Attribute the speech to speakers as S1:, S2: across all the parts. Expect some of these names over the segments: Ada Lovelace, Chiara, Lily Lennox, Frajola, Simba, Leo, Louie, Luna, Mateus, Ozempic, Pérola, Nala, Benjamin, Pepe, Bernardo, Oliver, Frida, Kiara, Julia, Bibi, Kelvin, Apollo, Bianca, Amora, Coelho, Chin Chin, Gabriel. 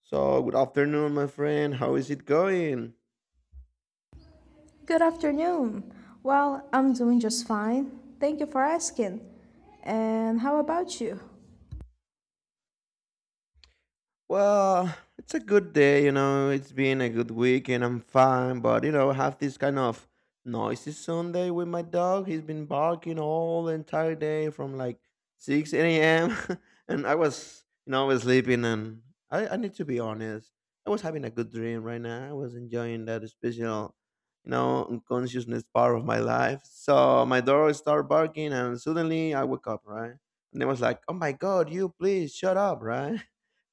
S1: So, good afternoon, my friend. How is it going?
S2: Good afternoon. Well, I'm doing just fine. Thank you for asking. And how about you?
S1: Well, it's a good day, you know. It's been a good week and I'm fine, but you know, I have this kind of noisy Sunday with my dog. He's been barking all the entire day from like 6 a.m. and I was, I was sleeping and I need to be honest. I was having a good dream right now. I was enjoying that special, unconsciousness part of my life. So my dog started barking and suddenly I woke up, right? And it was like, oh my God, you please shut up, right?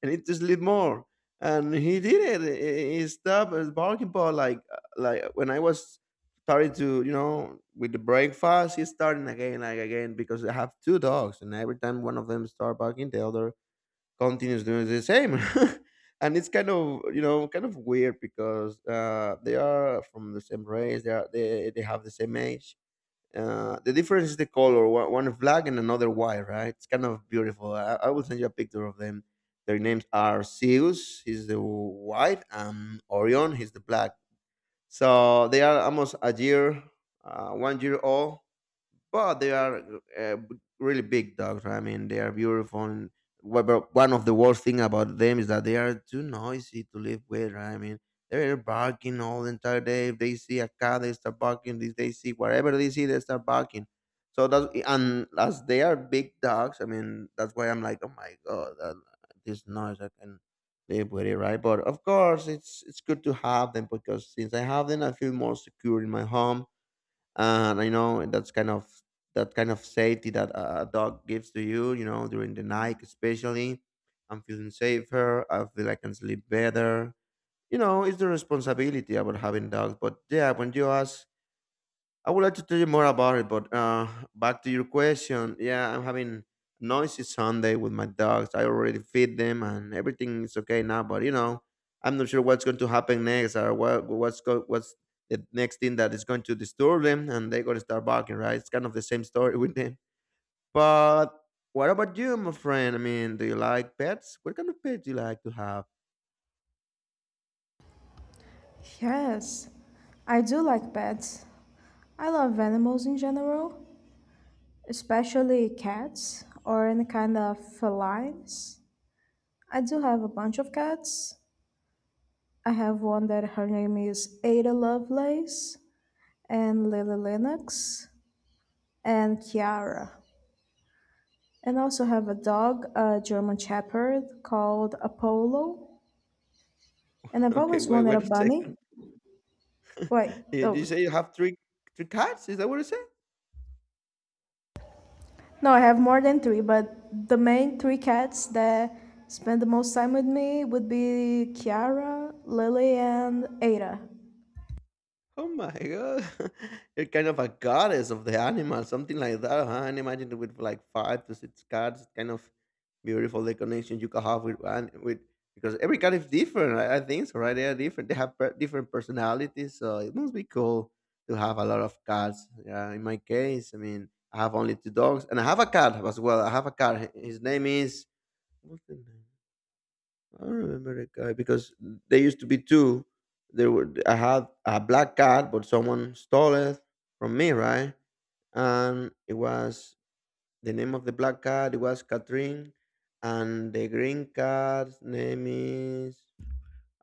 S1: I need to sleep more. And he did it. He stopped at the parking pot like when I was starting to with the breakfast. He's starting again, like again because I have two dogs, and every time one of them start barking, the other continues doing the same. And it's kind of kind of weird because they are from the same race. They are they have the same age. The difference is the color. One is black and another white, right? It's kind of beautiful. I will send you a picture of them. Their names are Zeus, he's the white, and Orion, he's the black. So they are almost a year, 1 year old, but they are uh, really big dogs, right? I mean, they are beautiful. And but one of the worst thing about them is that they are too noisy to live with, right? I mean, they're barking all the entire day. If they see a cat, they start barking. If they see whatever they see, they start barking. So that's and as they are big dogs, I mean, that's why I'm like, oh my god, this noise I can live with it, right? But of course, it's good to have them because since I have them, I feel more secure in my home and I know that's that kind of safety that a dog gives to you. You know, during the night, especially, I'm feeling safer. I feel I can sleep better. You know, it's the responsibility about having dogs. But yeah, when you ask I would like to tell you more about it, but back to your question, yeah, I'm having noisy Sunday with my dogs. I already feed them, and everything is okay now. But you know, I'm not sure what's going to happen next, or what's the next thing that is going to disturb them, and they're going to start barking, right? It's kind of the same story with them. But what about you, my friend? I mean, do you like pets? What kind of pets do you like to have?
S2: Yes, I do like pets. I love animals in general, especially cats or any kind of felines. I do have a bunch of cats. I have one that her name is Ada Lovelace, and Lily Lennox, and Kiara. And also have a dog, a German Shepherd called Apollo. And I've
S1: Okay,
S2: always wanted a
S1: wait a
S2: bunny.
S1: second.
S2: Wait,
S1: You say
S2: oh,
S1: you have three cats? Is that what it said?
S2: no, I have more than three, but the main three cats that spend the most time with me would be Kiara, Lily, and Ada.
S1: Oh my god. You're kind of a goddess of the animal, something like that, huh? And imagine it with like five to six cats, kind of beautiful the connection you can have with because every cat is different. I think so, right? They are different. They have different personalities, so it must be cool to have a lot of cats. Yeah, in my case, I mean, I have only two dogs, and I have a cat as well. I have a cat. His name is what's the name? I remember a guy because there used to be two. There were I had a black cat, but someone stole it from me, right? And it was the name of the black cat. It was Catherine, and the green cat's name is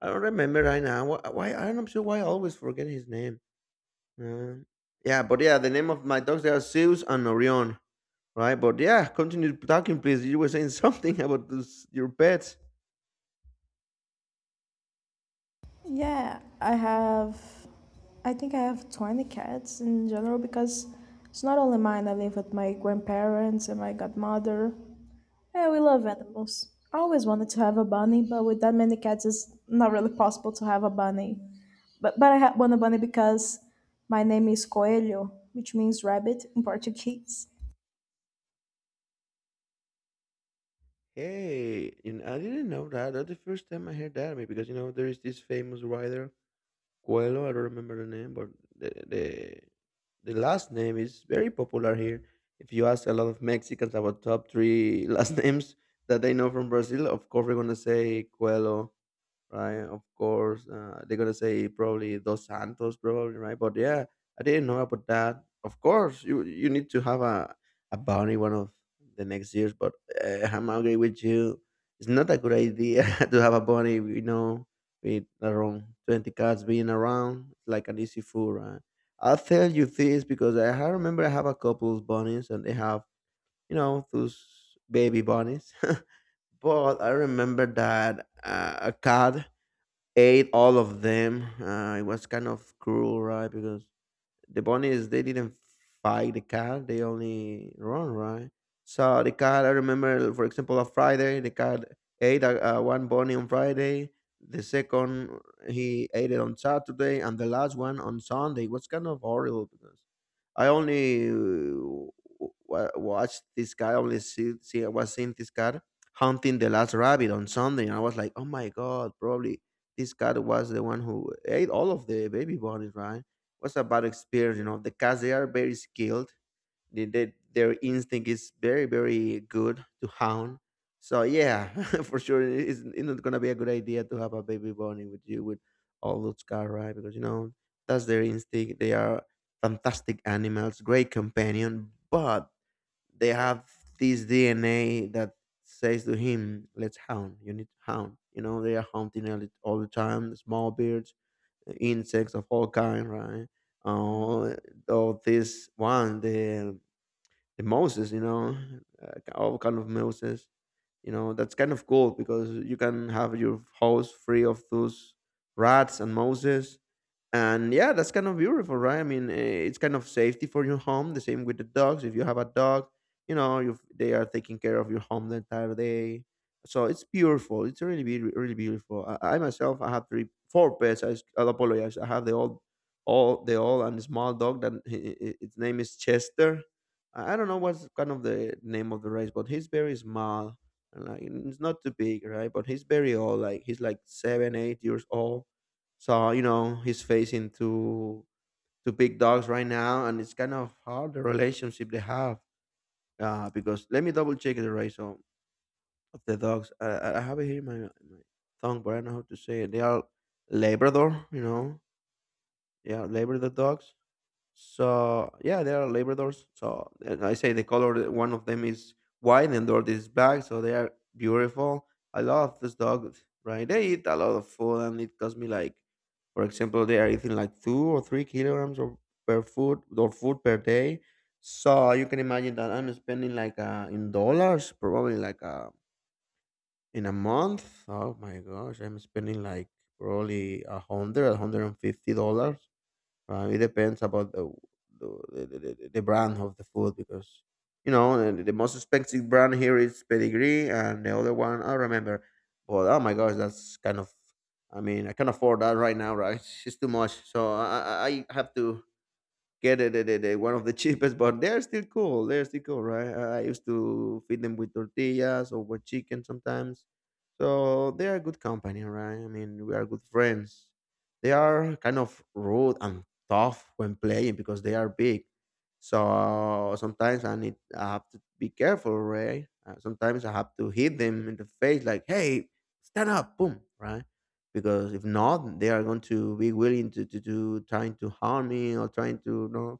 S1: I don't remember right now. Wh- Why I'm not sure why I always forget his name. Uh, yeah, but yeah, the name of my dogs, they are Zeus and Orion, right? But yeah, continue talking, please. You were saying something about this, your pets.
S2: Yeah, I think I have 20 cats in general because it's not only mine. I live with my grandparents and my godmother. Yeah, we love animals. I always wanted to have a bunny, but with that many cats, it's not really possible to have a bunny. But I had one bunny because my name is Coelho, which means rabbit in Portuguese.
S1: Hey, you know, I didn't know that. That's the first time I heard that. I mean, because you know, there is this famous writer, Coelho. I don't remember the name, but the the, the last name is very popular here. If you ask a lot of Mexicans about top three last names that they know from Brazil, of course we're gonna say Coelho, right? Of course, they're gonna say probably Dos Santos, probably, right? But yeah, I didn't know about that. Of course, you need to have a bounty one of the next years, but I'm agree with you. It's not a good idea to have a bunny, you know, with around 20 cats being around. It's like an easy fool, right? I'll tell you this because remember I have a couple's bunnies and they have, you know, those baby bunnies. But I remember that a cat ate all of them. It was kind of cruel, right? Because the bunny is they didn't fight the cat, they only run, right? So the cat, I remember, for example, on Friday the cat ate a one bunny on Friday, the second he ate it on Saturday, and the last one on Sunday was kind of horrible because I only watched this guy, see, I was seeing this cat hunting the last rabbit on Sunday, and I was like oh my god, probably this cat was the one who ate all of the baby bunnies, right? Was about experience, you know, the cats; they are very skilled. Their instinct is very, very good to hound. So yeah, for sure, it's not gonna be a good idea to have a baby bunny with you with all those cats, right? Because you know that's their instinct. They are fantastic animals, great companion, but they have this DNA that says to him, "Let's hound. You need to hound." You know, they are hunting all the time. Small birds, insects of all kind, right? Uh, the mouses, you know, all kind of mouses. You know, that's kind of cool because you can have your house free of those rats and mouses. And yeah, that's kind of beautiful, right? I mean, it's kind of safety for your home, the same with the dogs. If you have a dog, you know, you they are taking care of your home the entire day. So it's beautiful, it's really beautiful. I myself, I have 3 4 pets. I apologize, I have the old all the old and small dog that its name is Chester. I don't know what's kind of the name of the race, but he's very small and like it's not too big, right? But he's very old, like he's like 7 8 years old. So you know he's facing two big dogs right now, and it's kind of hard the relationship they have. Because let me double check the race of the dogs. I have it here in in my tongue, but I don't know how to say it. They are Labrador, you know. Yeah, Labrador dogs. So yeah, there are Labradors. So and I say the color. One of them is white, and the other is black. So they are beautiful. I love this dog, right? They eat a lot of food, and it cost me like, for example, they are eating like 2 or 3 kilograms of per food or food per day. So you can imagine that I'm spending like in dollars, probably like in a month. Oh my gosh, I'm spending like probably $150. It depends about the, the brand of the food, because you know the most expensive brand here is Pedigree, and the other one I remember. But oh my gosh, that's kind of I mean I can't afford that right now, right? It's too much, so I have to get the one of the cheapest, but they're still cool. They're still cool, right? I used to feed them with tortillas or with chicken sometimes. So they are good company, right? I mean, we are good friends. They are kind of rude and tough when playing because they are big. So sometimes I have to be careful, right? Sometimes I have to hit them in the face, like, "Hey, stand up!" Boom, right? Because if not, they are going to be willing to to trying to harm me or trying to you know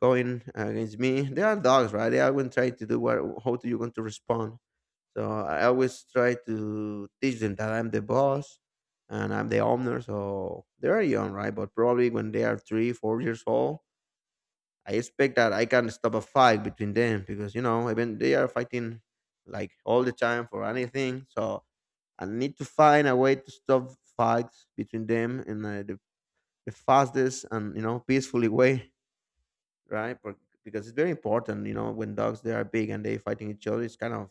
S1: going against me. They are dogs, right? They are going to try to do what how do you going to respond. So I always try to teach them that I'm the boss and I'm the owner. So they are young, right? But probably when they are three, 4 years old, I expect that I can stop a fight between them, because even they are fighting like all the time for anything. So and need to find a way to stop fights between them in the fastest and peacefully way, right. Because it's very important, when dogs they are big and they fighting each other, it's kind of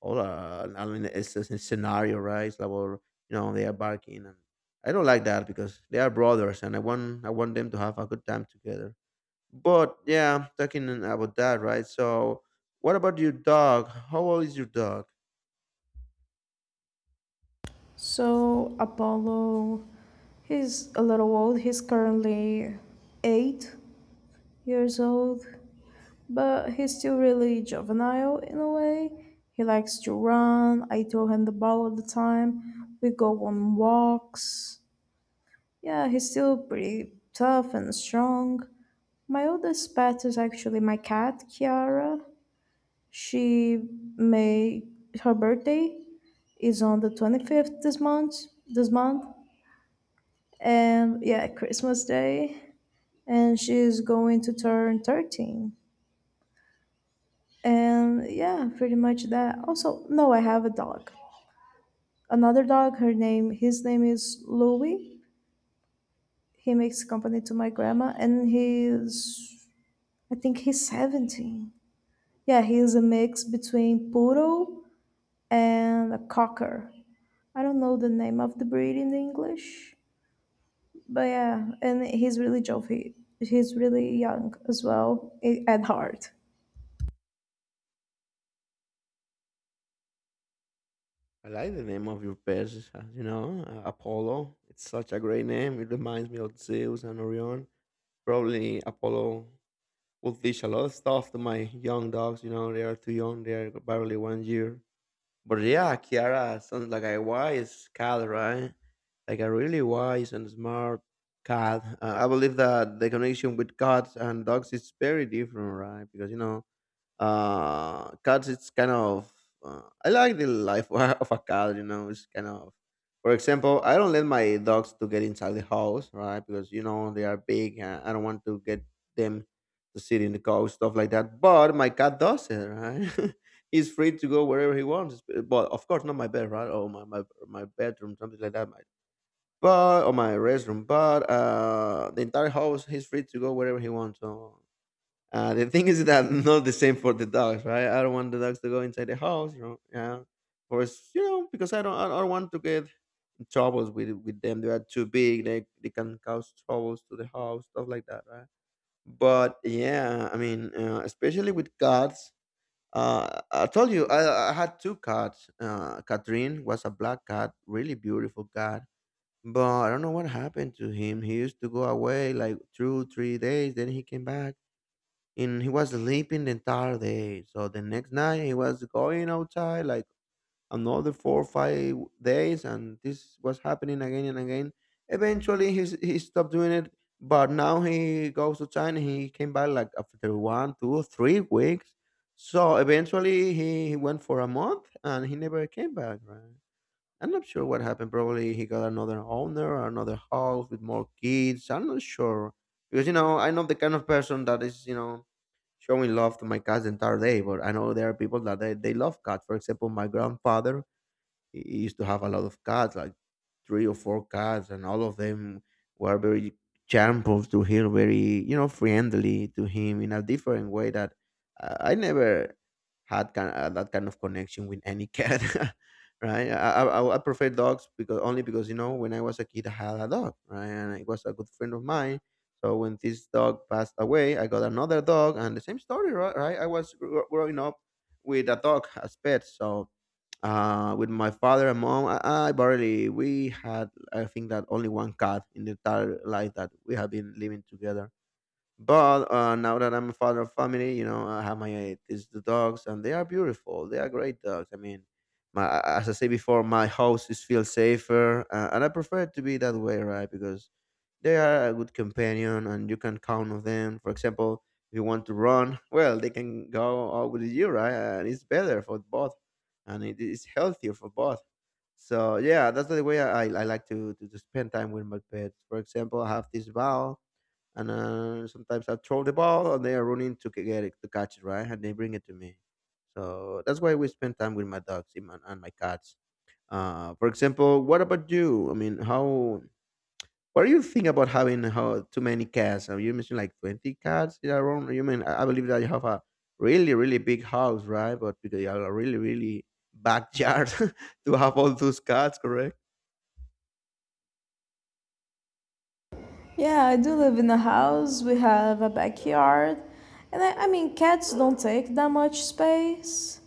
S1: all, I mean, it's a scenario, right, it's like, well, they are barking. And I don't like that, because they are brothers and i want them to have a good time together. But yeah, talking about that, right. So what about your dog? How old is your dog?
S2: So Apollo, he's a little old. He's currently 8 years old, but he's still really juvenile in a way. He likes to run. I throw him the ball all the time. We go on walks. Yeah, he's still pretty tough and strong. My oldest pet is actually my cat, Kiara. She may her birthday is on the 25th this month, and yeah, Christmas Day, and she's going to turn 13. And yeah, pretty much that. Also, no, I have a dog. Another dog, her name, his name is Louie. He makes company to my grandma, and I think he's 17. Yeah, he's a mix between poodle and a cocker. I don't know the name of the breed in English, but yeah, and he's really jovial. He's really young as well at heart.
S1: I like the name of your pets, Apollo. It's such a great name. It reminds me of Zeus and Orion. Probably Apollo will teach a lot of stuff to my young dogs. They are too young, they are barely 1 year. But yeah, Kiara sounds like a wise cat, right? Like a really wise and smart cat. I believe that the connection with cats and dogs is very different, right? Because, cats, it's kind of, I like the life of a cat, it's kind of. For example, I don't let my dogs to get inside the house, right, because they are big and I don't want to get them to sit in the couch, stuff like that. But my cat does it, right. He's free to go wherever he wants, but of course not my bed, right, or my bedroom, something like that. My, but or my restroom. But the entire house, he's free to go wherever he wants. So, the thing is that not the same for the dogs, right? I don't want the dogs to go inside the house. Yeah, or it's, because I don't want to get in troubles with them. They are too big. They can cause troubles to the house, stuff like that, right? But yeah, I mean, especially with cats. I told you I had two cats. Catherine was a black cat, really beautiful cat. But I don't know what happened to him. He used to go away like two, 3 days, then he came back and he was sleeping the entire day. So the next night he was going outside like another 4 or 5 days, and this was happening again and again. Eventually he stopped doing it, but now he goes to China. He came back like after one, two, 3 weeks. So eventually he went for a month and he never came back, right. I'm not sure what happened. Probably he got another owner or another house with more kids. I'm not sure, because I know the kind of person that is, showing love to my cats the entire day. But I know there are people that they love cats. For example, my grandfather, he used to have a lot of cats, like three or four cats, and all of them were very charmful to him, very friendly to him, in a different way that I never had kind that kind of connection with any cat. Right, I prefer dogs, because only because when I was a kid I had a dog, right, and it was a good friend of mine. So when this dog passed away, I got another dog, and the same story, right? I was growing up with a dog as pet. So, with my father and mom, I barely, we had, I think that only one cat in the entire life that we have been living together. But now that I'm a father of family, I have my these the dogs, and they are beautiful. They are great dogs. I mean, my, as I say before, my house is feel safer, and I prefer it to be that way, right? Because they are a good companion, and you can count on them. For example, if you want to run, well, they can go out with you, right? And it's better for both, and it is healthier for both. So yeah, that's the way I like to, to spend time with my pets. For example, I have this ball, and, sometimes I throw the ball, and they are running get it, to catch it, right? And they bring it to me. So that's why we spend time with my dogs and my cats. For example, what about you? I mean, how? What do you think about having how too many cats? Are you mentioned like 20 cats around? You mean, I believe that you have a really really big house, right? But because you have a really really backyard to have all those cats, correct?
S2: Yeah, I do live in a house. We have a backyard. And I mean, cats don't take that much space.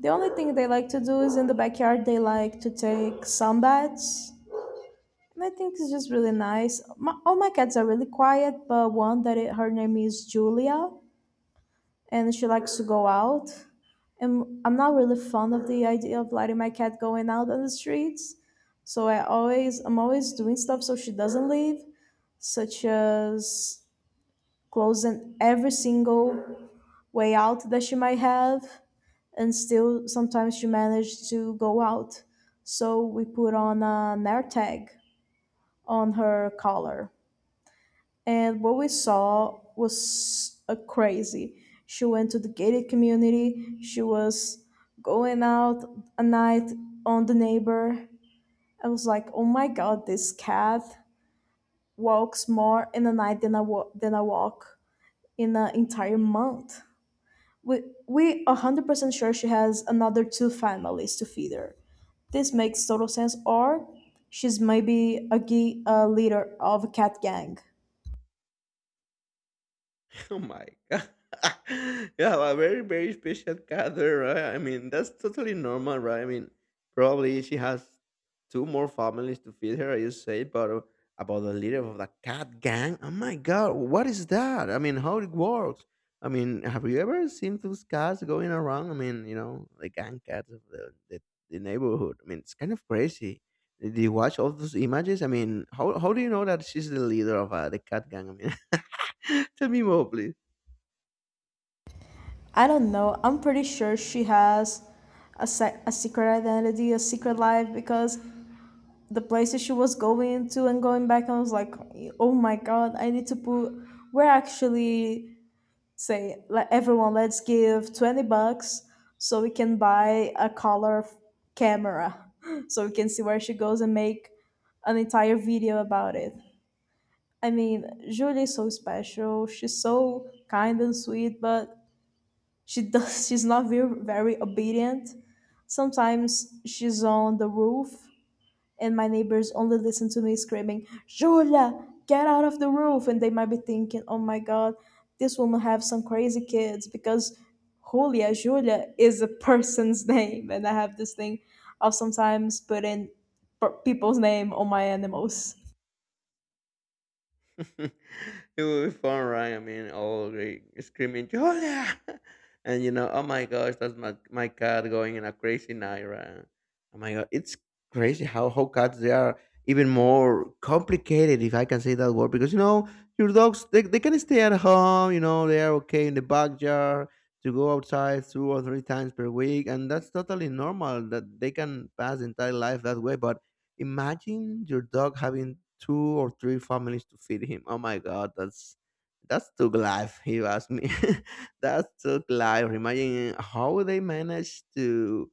S2: The only thing they like to do is in the backyard, they like to take sun baths. And I think it's just really nice. All my cats are really quiet, but one that her name is Julia, and she likes to go out. And I'm not really fond of the idea of letting my cat going out on the streets. So I'm always doing stuff so she doesn't leave, such as closing every single way out that she might have, and still sometimes she managed to go out. So we put on an air tag on her collar, and what we saw was crazy. She went to the gated community. She was going out a night on the neighbor. I was like, oh my god, this cat walks more in a night than I walk in an entire month. We 100% sure she has another two families to feed her. This makes total sense. Or she's maybe a leader of a cat gang.
S1: Oh my god. Yeah, a very, very special gather, right? I mean, that's totally normal, right? I mean, probably she has two more families to feed her, you say, but, about the leader of the cat gang? Oh my god, what is that? I mean, how it works? I mean, have you ever seen those cats going around? I mean, the gang cats of the neighborhood. I mean, it's kind of crazy. Did you watch all those images? I mean, how do you know that she's the leader of, the cat gang? I mean, tell me more, please.
S2: I don't know. I'm pretty sure she has a secret identity, a secret life, because the places she was going to and going back, I was like, oh my god, I need to put. We're actually say like everyone, let's give $20 so we can buy a color camera, so we can see where she goes and make an entire video about it. I mean, Julie is so special. She's so kind and sweet, but she does she's not very, very obedient. Sometimes she's on the roof, and my neighbors only listen to me screaming, "Julia, get out of the roof!" And they might be thinking, oh my god, this woman have some crazy kids because Julia is a person's name, and I have this thing of sometimes putting people's name on my animals.
S1: It will be fun, right? I mean, all like, screaming Julia, and oh my gosh, that's my cat going in a crazy night, right? Oh my god, it's crazy how cats they are even more complicated, if I can say that word, because your dogs they can stay at home, they are okay in the backyard to go outside two or three times per week, and that's totally normal that they can pass entire life that way. But imagine your dog having two or three families to feed him. Oh my god, that's took life, if you ask me. That's took life. Imagine how they manage to,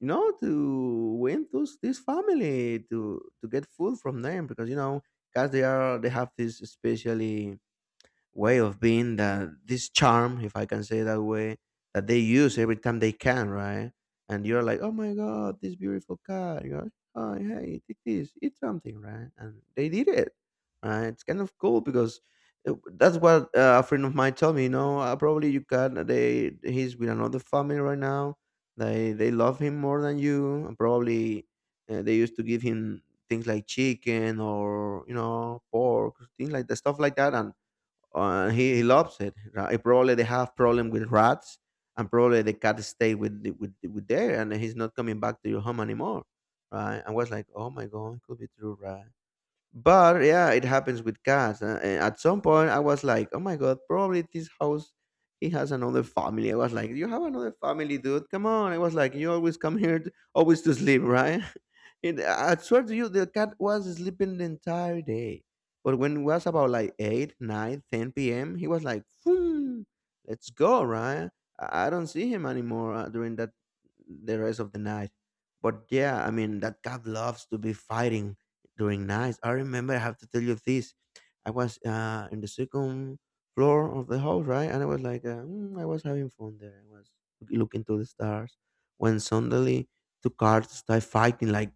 S1: to win those this family to get food from them, because cats, they have this especially way of being, that this charm, if I can say that way, that they use every time they can, right. And you're like, oh my god, this beautiful car. You're like, oh hey, take this, eat something, right. And they did it, right. It's kind of cool, because, that's what, a friend of mine told me, probably you can they he's with another family right now. They love him more than you, and probably, they used to give him things like chicken or, pork, things like, the stuff like that. And, he loves it, right. Probably they have problem with rats, and probably the cat stay with there, and he's not coming back to your home anymore, right? I was like, oh my god, it could be true, right? But yeah, it happens with cats. And at some point, I was like, "Oh my god, probably this house, he has another family." I was like, "You have another family, dude? Come on!" I was like, "You always come here, always to sleep, right?" And I swear to you, the cat was sleeping the entire day. But when it was about like 8, 9, 10 p.m., he was like, "Phoom, let's go, right?" I don't see him anymore, during that the rest of the night. But yeah, I mean, that cat loves to be fighting, doing nice. I remember, I have to tell you this. I was, in the second floor of the house, right? And I was like, I was having fun there. I was looking to the stars when suddenly two cars started fighting." Like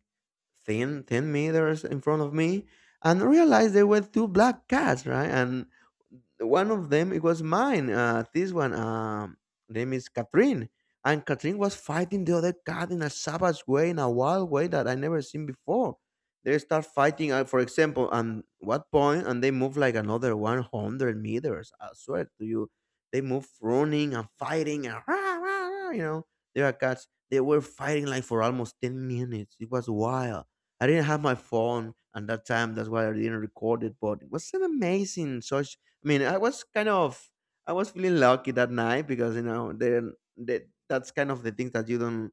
S1: thin meters in front of me, and realized there were two black cats, right? And one of them, it was mine, this one, name is Catherine. And Catherine was fighting the other cat in a savage way, in a wild way that I never seen before. They start fighting, for example, on what point, and they move like another 100 meters, I swear to you. They move running and fighting and rah, rah, rah, they are cats. They were fighting like for almost 10 minutes. It was wild. I didn't have my phone at that time. That's why I didn't record it. But it was an amazing such. I mean, I was kind of I was feeling lucky that night, because you know, then that that's kind of the things that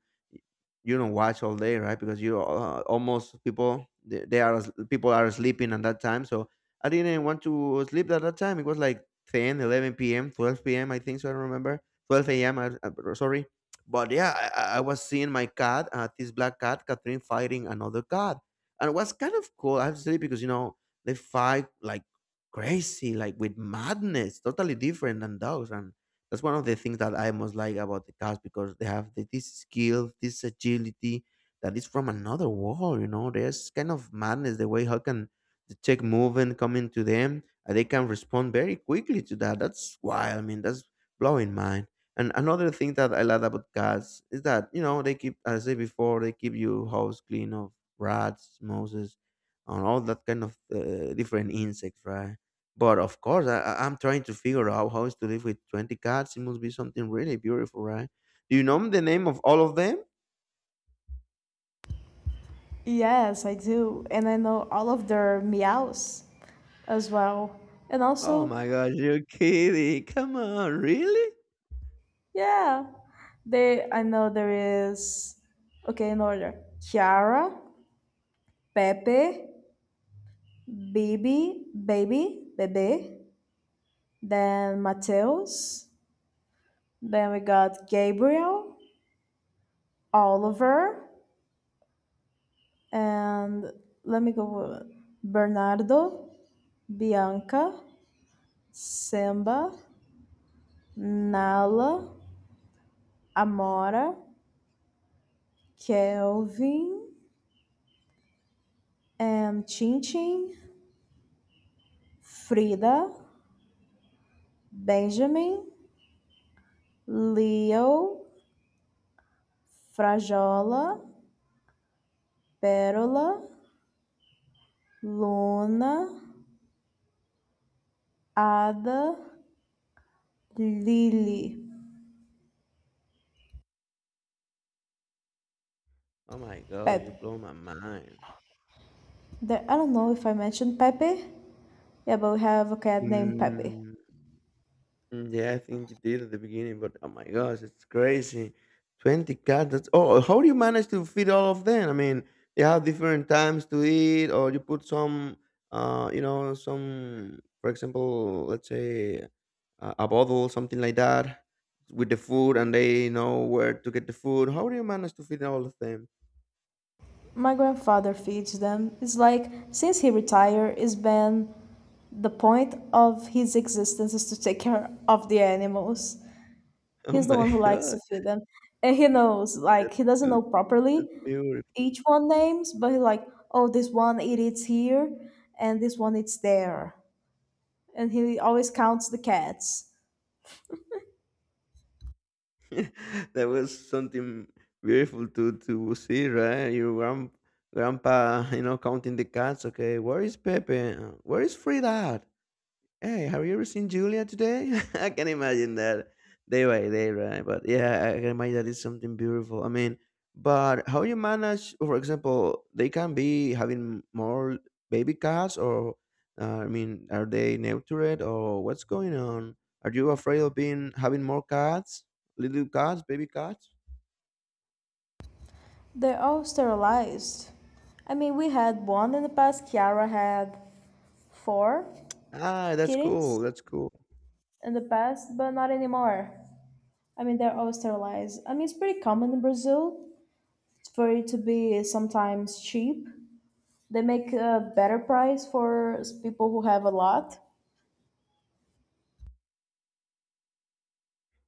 S1: you don't watch all day, right? Because you almost people they are as- people are sleeping at that time. So I didn't want to sleep at that time. It was like 10, 11 p.m., 12 p.m., I think so. I don't remember, 12 a.m., sorry. But yeah, I was seeing my cat, this black cat, Catherine, fighting another cat, and it was kind of cool, I have to say, because you know they fight like crazy, like with madness, totally different than dogs. And that's one of the things that I most like about the cats, because they have this skill, this agility that is from another world. You know, there's kind of madness the way how can the check movement coming to them, and they can respond very quickly to that. That's wild. I mean, that's blowing mind. And another thing that I love about cats is that, you know, they keep, as I said before, they keep your house clean of rats, mouses, and all that kind of different insects, right? But of course, I'm trying to figure out how is to live with 20 cats. It must be something really beautiful, right? Do you know the name of all of them?
S2: Yes, I do. And I know all of their meows as well. And
S1: Oh
S2: also,
S1: my gosh, you're kidding. Come on, really?
S2: yeah. They I know there is, okay, in order: Chiara, Pepe, Bibi, baby, Bebe, then Mateus, then we got Gabriel, Oliver, and let me go with Bernardo, Bianca, Simba, Nala, Amora, Kelvin, and Chin Chin, Frida, Benjamin, Leo, Frajola, Pérola, Luna, Ada, Lily,
S1: Oh my gosh, you
S2: Pepe.
S1: blow my mind.
S2: There, I don't know if I mentioned Pepe. Yeah, but we have a cat named Pepe.
S1: Mm, Yeah, I think you did at the beginning, but oh my gosh, it's crazy. 20 cats. That's oh, how do you manage to feed all of them? I mean, they have different times to eat, or you put some, you know, some, for example, let's say a bottle, something like that, with the food, and they know where to get the food. How do you manage to feed all of them?
S2: My grandfather feeds them. It's like since he retired, it's been the point of his existence is to take care of the animals.
S1: Oh
S2: He's the
S1: my
S2: one who likes to
S1: god,
S2: feed them. And he knows, like he doesn't
S1: that's
S2: know
S1: that's
S2: properly,
S1: beautiful.
S2: each one names, but he like, oh, this one it is here, and this one it's there, and he always counts the cats.
S1: That was something beautiful to see, right? Your grand, grandpa, you know, counting the cats. Okay, where is Pepe? Where is Frida? Hey, have you ever seen Julia today? I can imagine that day by day, right? But yeah, I can imagine that it's something beautiful. I mean, but how you manage, for example, they can be having more baby cats, or I mean, are they neutered, or what's going on? Are you afraid of being having more cats, little cats, baby cats?
S2: They're all sterilized. I mean, we had one in the past. Kiara had four
S1: Ah, that's
S2: kittens
S1: cool. That's cool.
S2: in the past, but not anymore. I mean, they're all sterilized. I mean, it's pretty common in Brazil for it to be sometimes cheap. They make a better price for people who have a lot.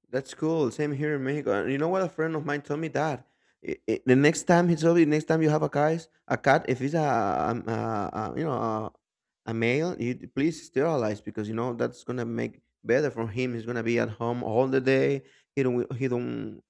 S1: That's cool. Same here in Mexico. And you know what? A friend of mine told me that I the next time, he told me, next time you have a guys, a cat, if it's um, a, a you know a male, you d- please sterilize, because you know that's gonna make better for him. He's gonna be at home all the day. He don't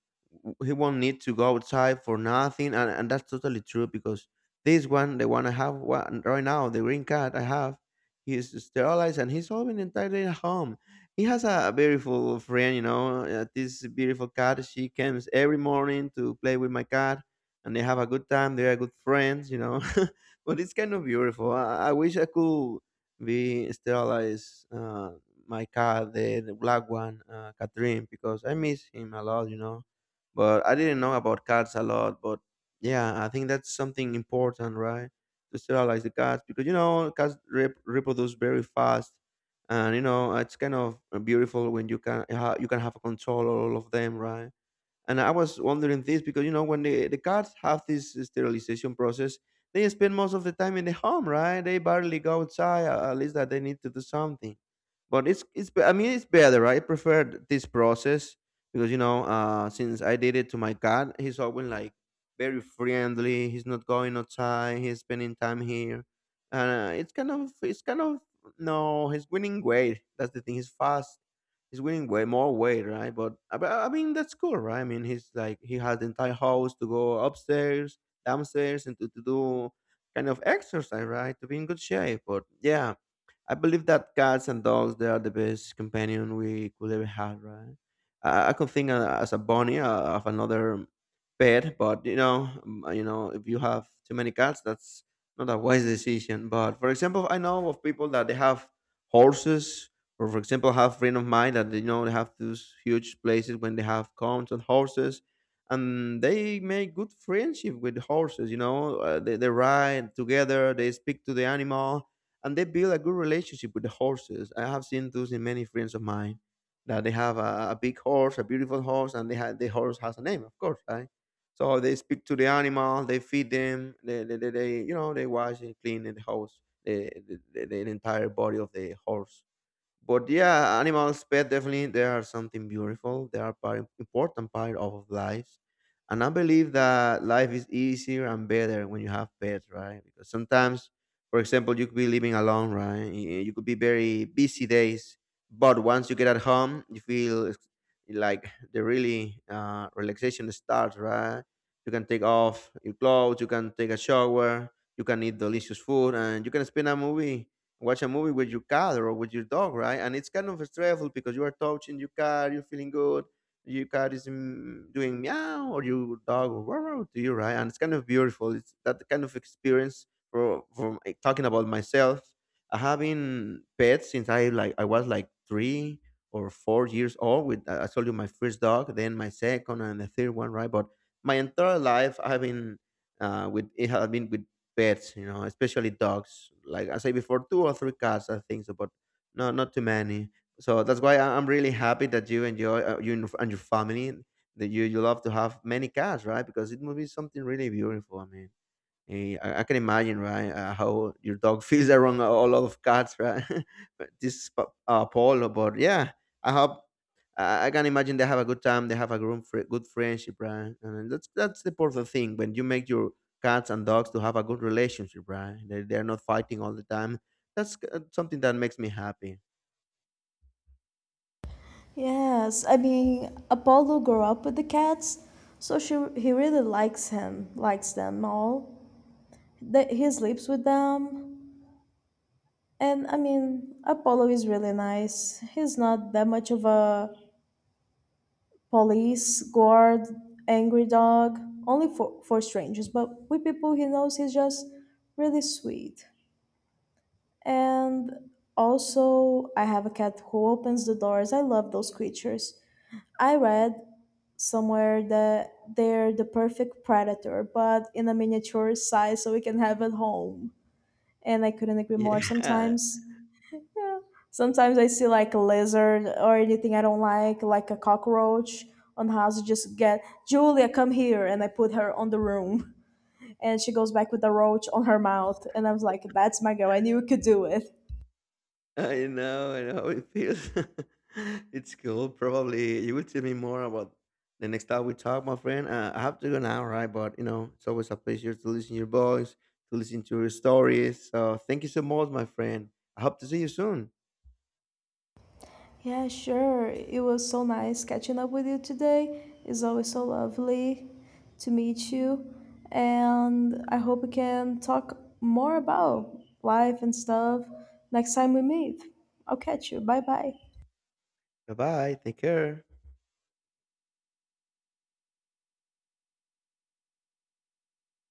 S1: he won't need to go outside for nothing. And that's totally true, because this one, the one I have one right now, the green cat I have, he's sterilized and he's all been entire day at home. He has a beautiful friend, you know, this beautiful cat. She comes every morning to play with my cat, and they have a good time. They are good friends, you know. But it's kind of beautiful. I wish I could be sterilize my cat, the black one, Catherine, because I miss him a lot, you know. But I didn't know about cats a lot. But yeah, I think that's something important, right? To sterilize the cats, because you know cats rep- reproduce very fast, and you know it's kind of beautiful when you can ha- you can have control all of them, right? And I was wondering this because you know when the cats have this sterilization process, they spend most of the time in the home, right? They barely go outside. At least that they need to do something. But it's be- I mean it's better, right? I prefer this process, because you know since I did it to my cat, he's always like very friendly. He's not going outside. He's spending time here, and it's kind of no. He's winning weight. That's the thing. He's fast he's winning way more weight, right? But I mean, that's cool, right? I mean, he's like he has the entire house to go upstairs, downstairs, and to do kind of exercise, right? To be in good shape. But yeah, I believe that cats and dogs they are the best companion we could ever have, right? I could think as a bunny of another pet, but you know, if you have too many cats, that's not a wise decision. But for example, I know of people that they have horses, or for example, have friend of mine that you know they have those huge places when they have cows and horses. And they make good friendship with horses, you know. They, ride together. They speak to the animal and they build a good relationship with the horses. I have seen those in many friends of mine that they have a big horse, a beautiful horse, and they have the horse has a name, of course, right? So they speak to the animal, they feed them, they you know they wash and clean the house, the entire body of the horse. But yeah, animals, pet, definitely they are something beautiful. They are part important part of lives, and I believe that life is easier and better when you have pets, right? Because sometimes, for example, you could be living alone, right? Y- You could be very busy days, but once you get at home, you feel it's like the really relaxation starts, right? You can take off your clothes, you can take a shower, you can eat delicious food, and you can spend a movie watch a movie with your cat or with your dog, right? And it's kind of stressful because you are touching your cat, you're feeling good, your cat is mm, doing meow, or your dog wow wow to you, right? And it's kind of beautiful. It's that kind of experience for from eh, talking about myself. I having pets since I like I was like 3 or 4 years old. With I told you my first dog, then my second and the third one, right? But my entire life I've been with it has been with pets, you know, especially dogs. Like I say before, two or three cats, I think so, but no, not too many. So that's why I'm really happy that you enjoy you and your family that you love to have many cats, right? Because it would be something really beautiful. I mean. Eh, I can imagine, right, how your dog feels around a lot of cats, right? But this is pa- Paulo, but yeah, I hope I can imagine they have a good time. They have a good, fri good friendship, right? And that's the important thing, when you make your cats and dogs to have a good relationship, right? They they're not fighting all the time. That's something that makes me happy.
S2: Yes, I mean Apollo grew up with the cats, so she he really likes him, likes them all. That he sleeps with them, and I mean Apollo is really nice. He's not that much of a police guard, angry dog. Only for strangers, but with people he knows, he's just really sweet. And also, I have a cat who opens the doors. I love those creatures. I read somewhere that they're the perfect predator, but in a miniature size so we can have at home. And I couldn't agree more.
S1: Yeah.
S2: Yeah, sometimes I see like a lizard or anything I don't like a cockroach on the house. I just get Julia, come here, and I put her on the room, and she goes back with the roach on her mouth, and I was like, that's my girl. I knew you could do it.
S1: I know how it feels. It's cool. Probably you will tell me more about the next time we talk, my friend. I have to go now, right? But you know, it's always a pleasure to listen to your voice, to listen to your stories. So thank you so much, my friend. I hope to see you soon.
S2: Yeah, sure. It was so nice catching up with you today. It's always so lovely to meet you. And I hope we can talk more about life and stuff next time we meet. I'll catch you. Bye bye.
S1: Bye bye. Take care.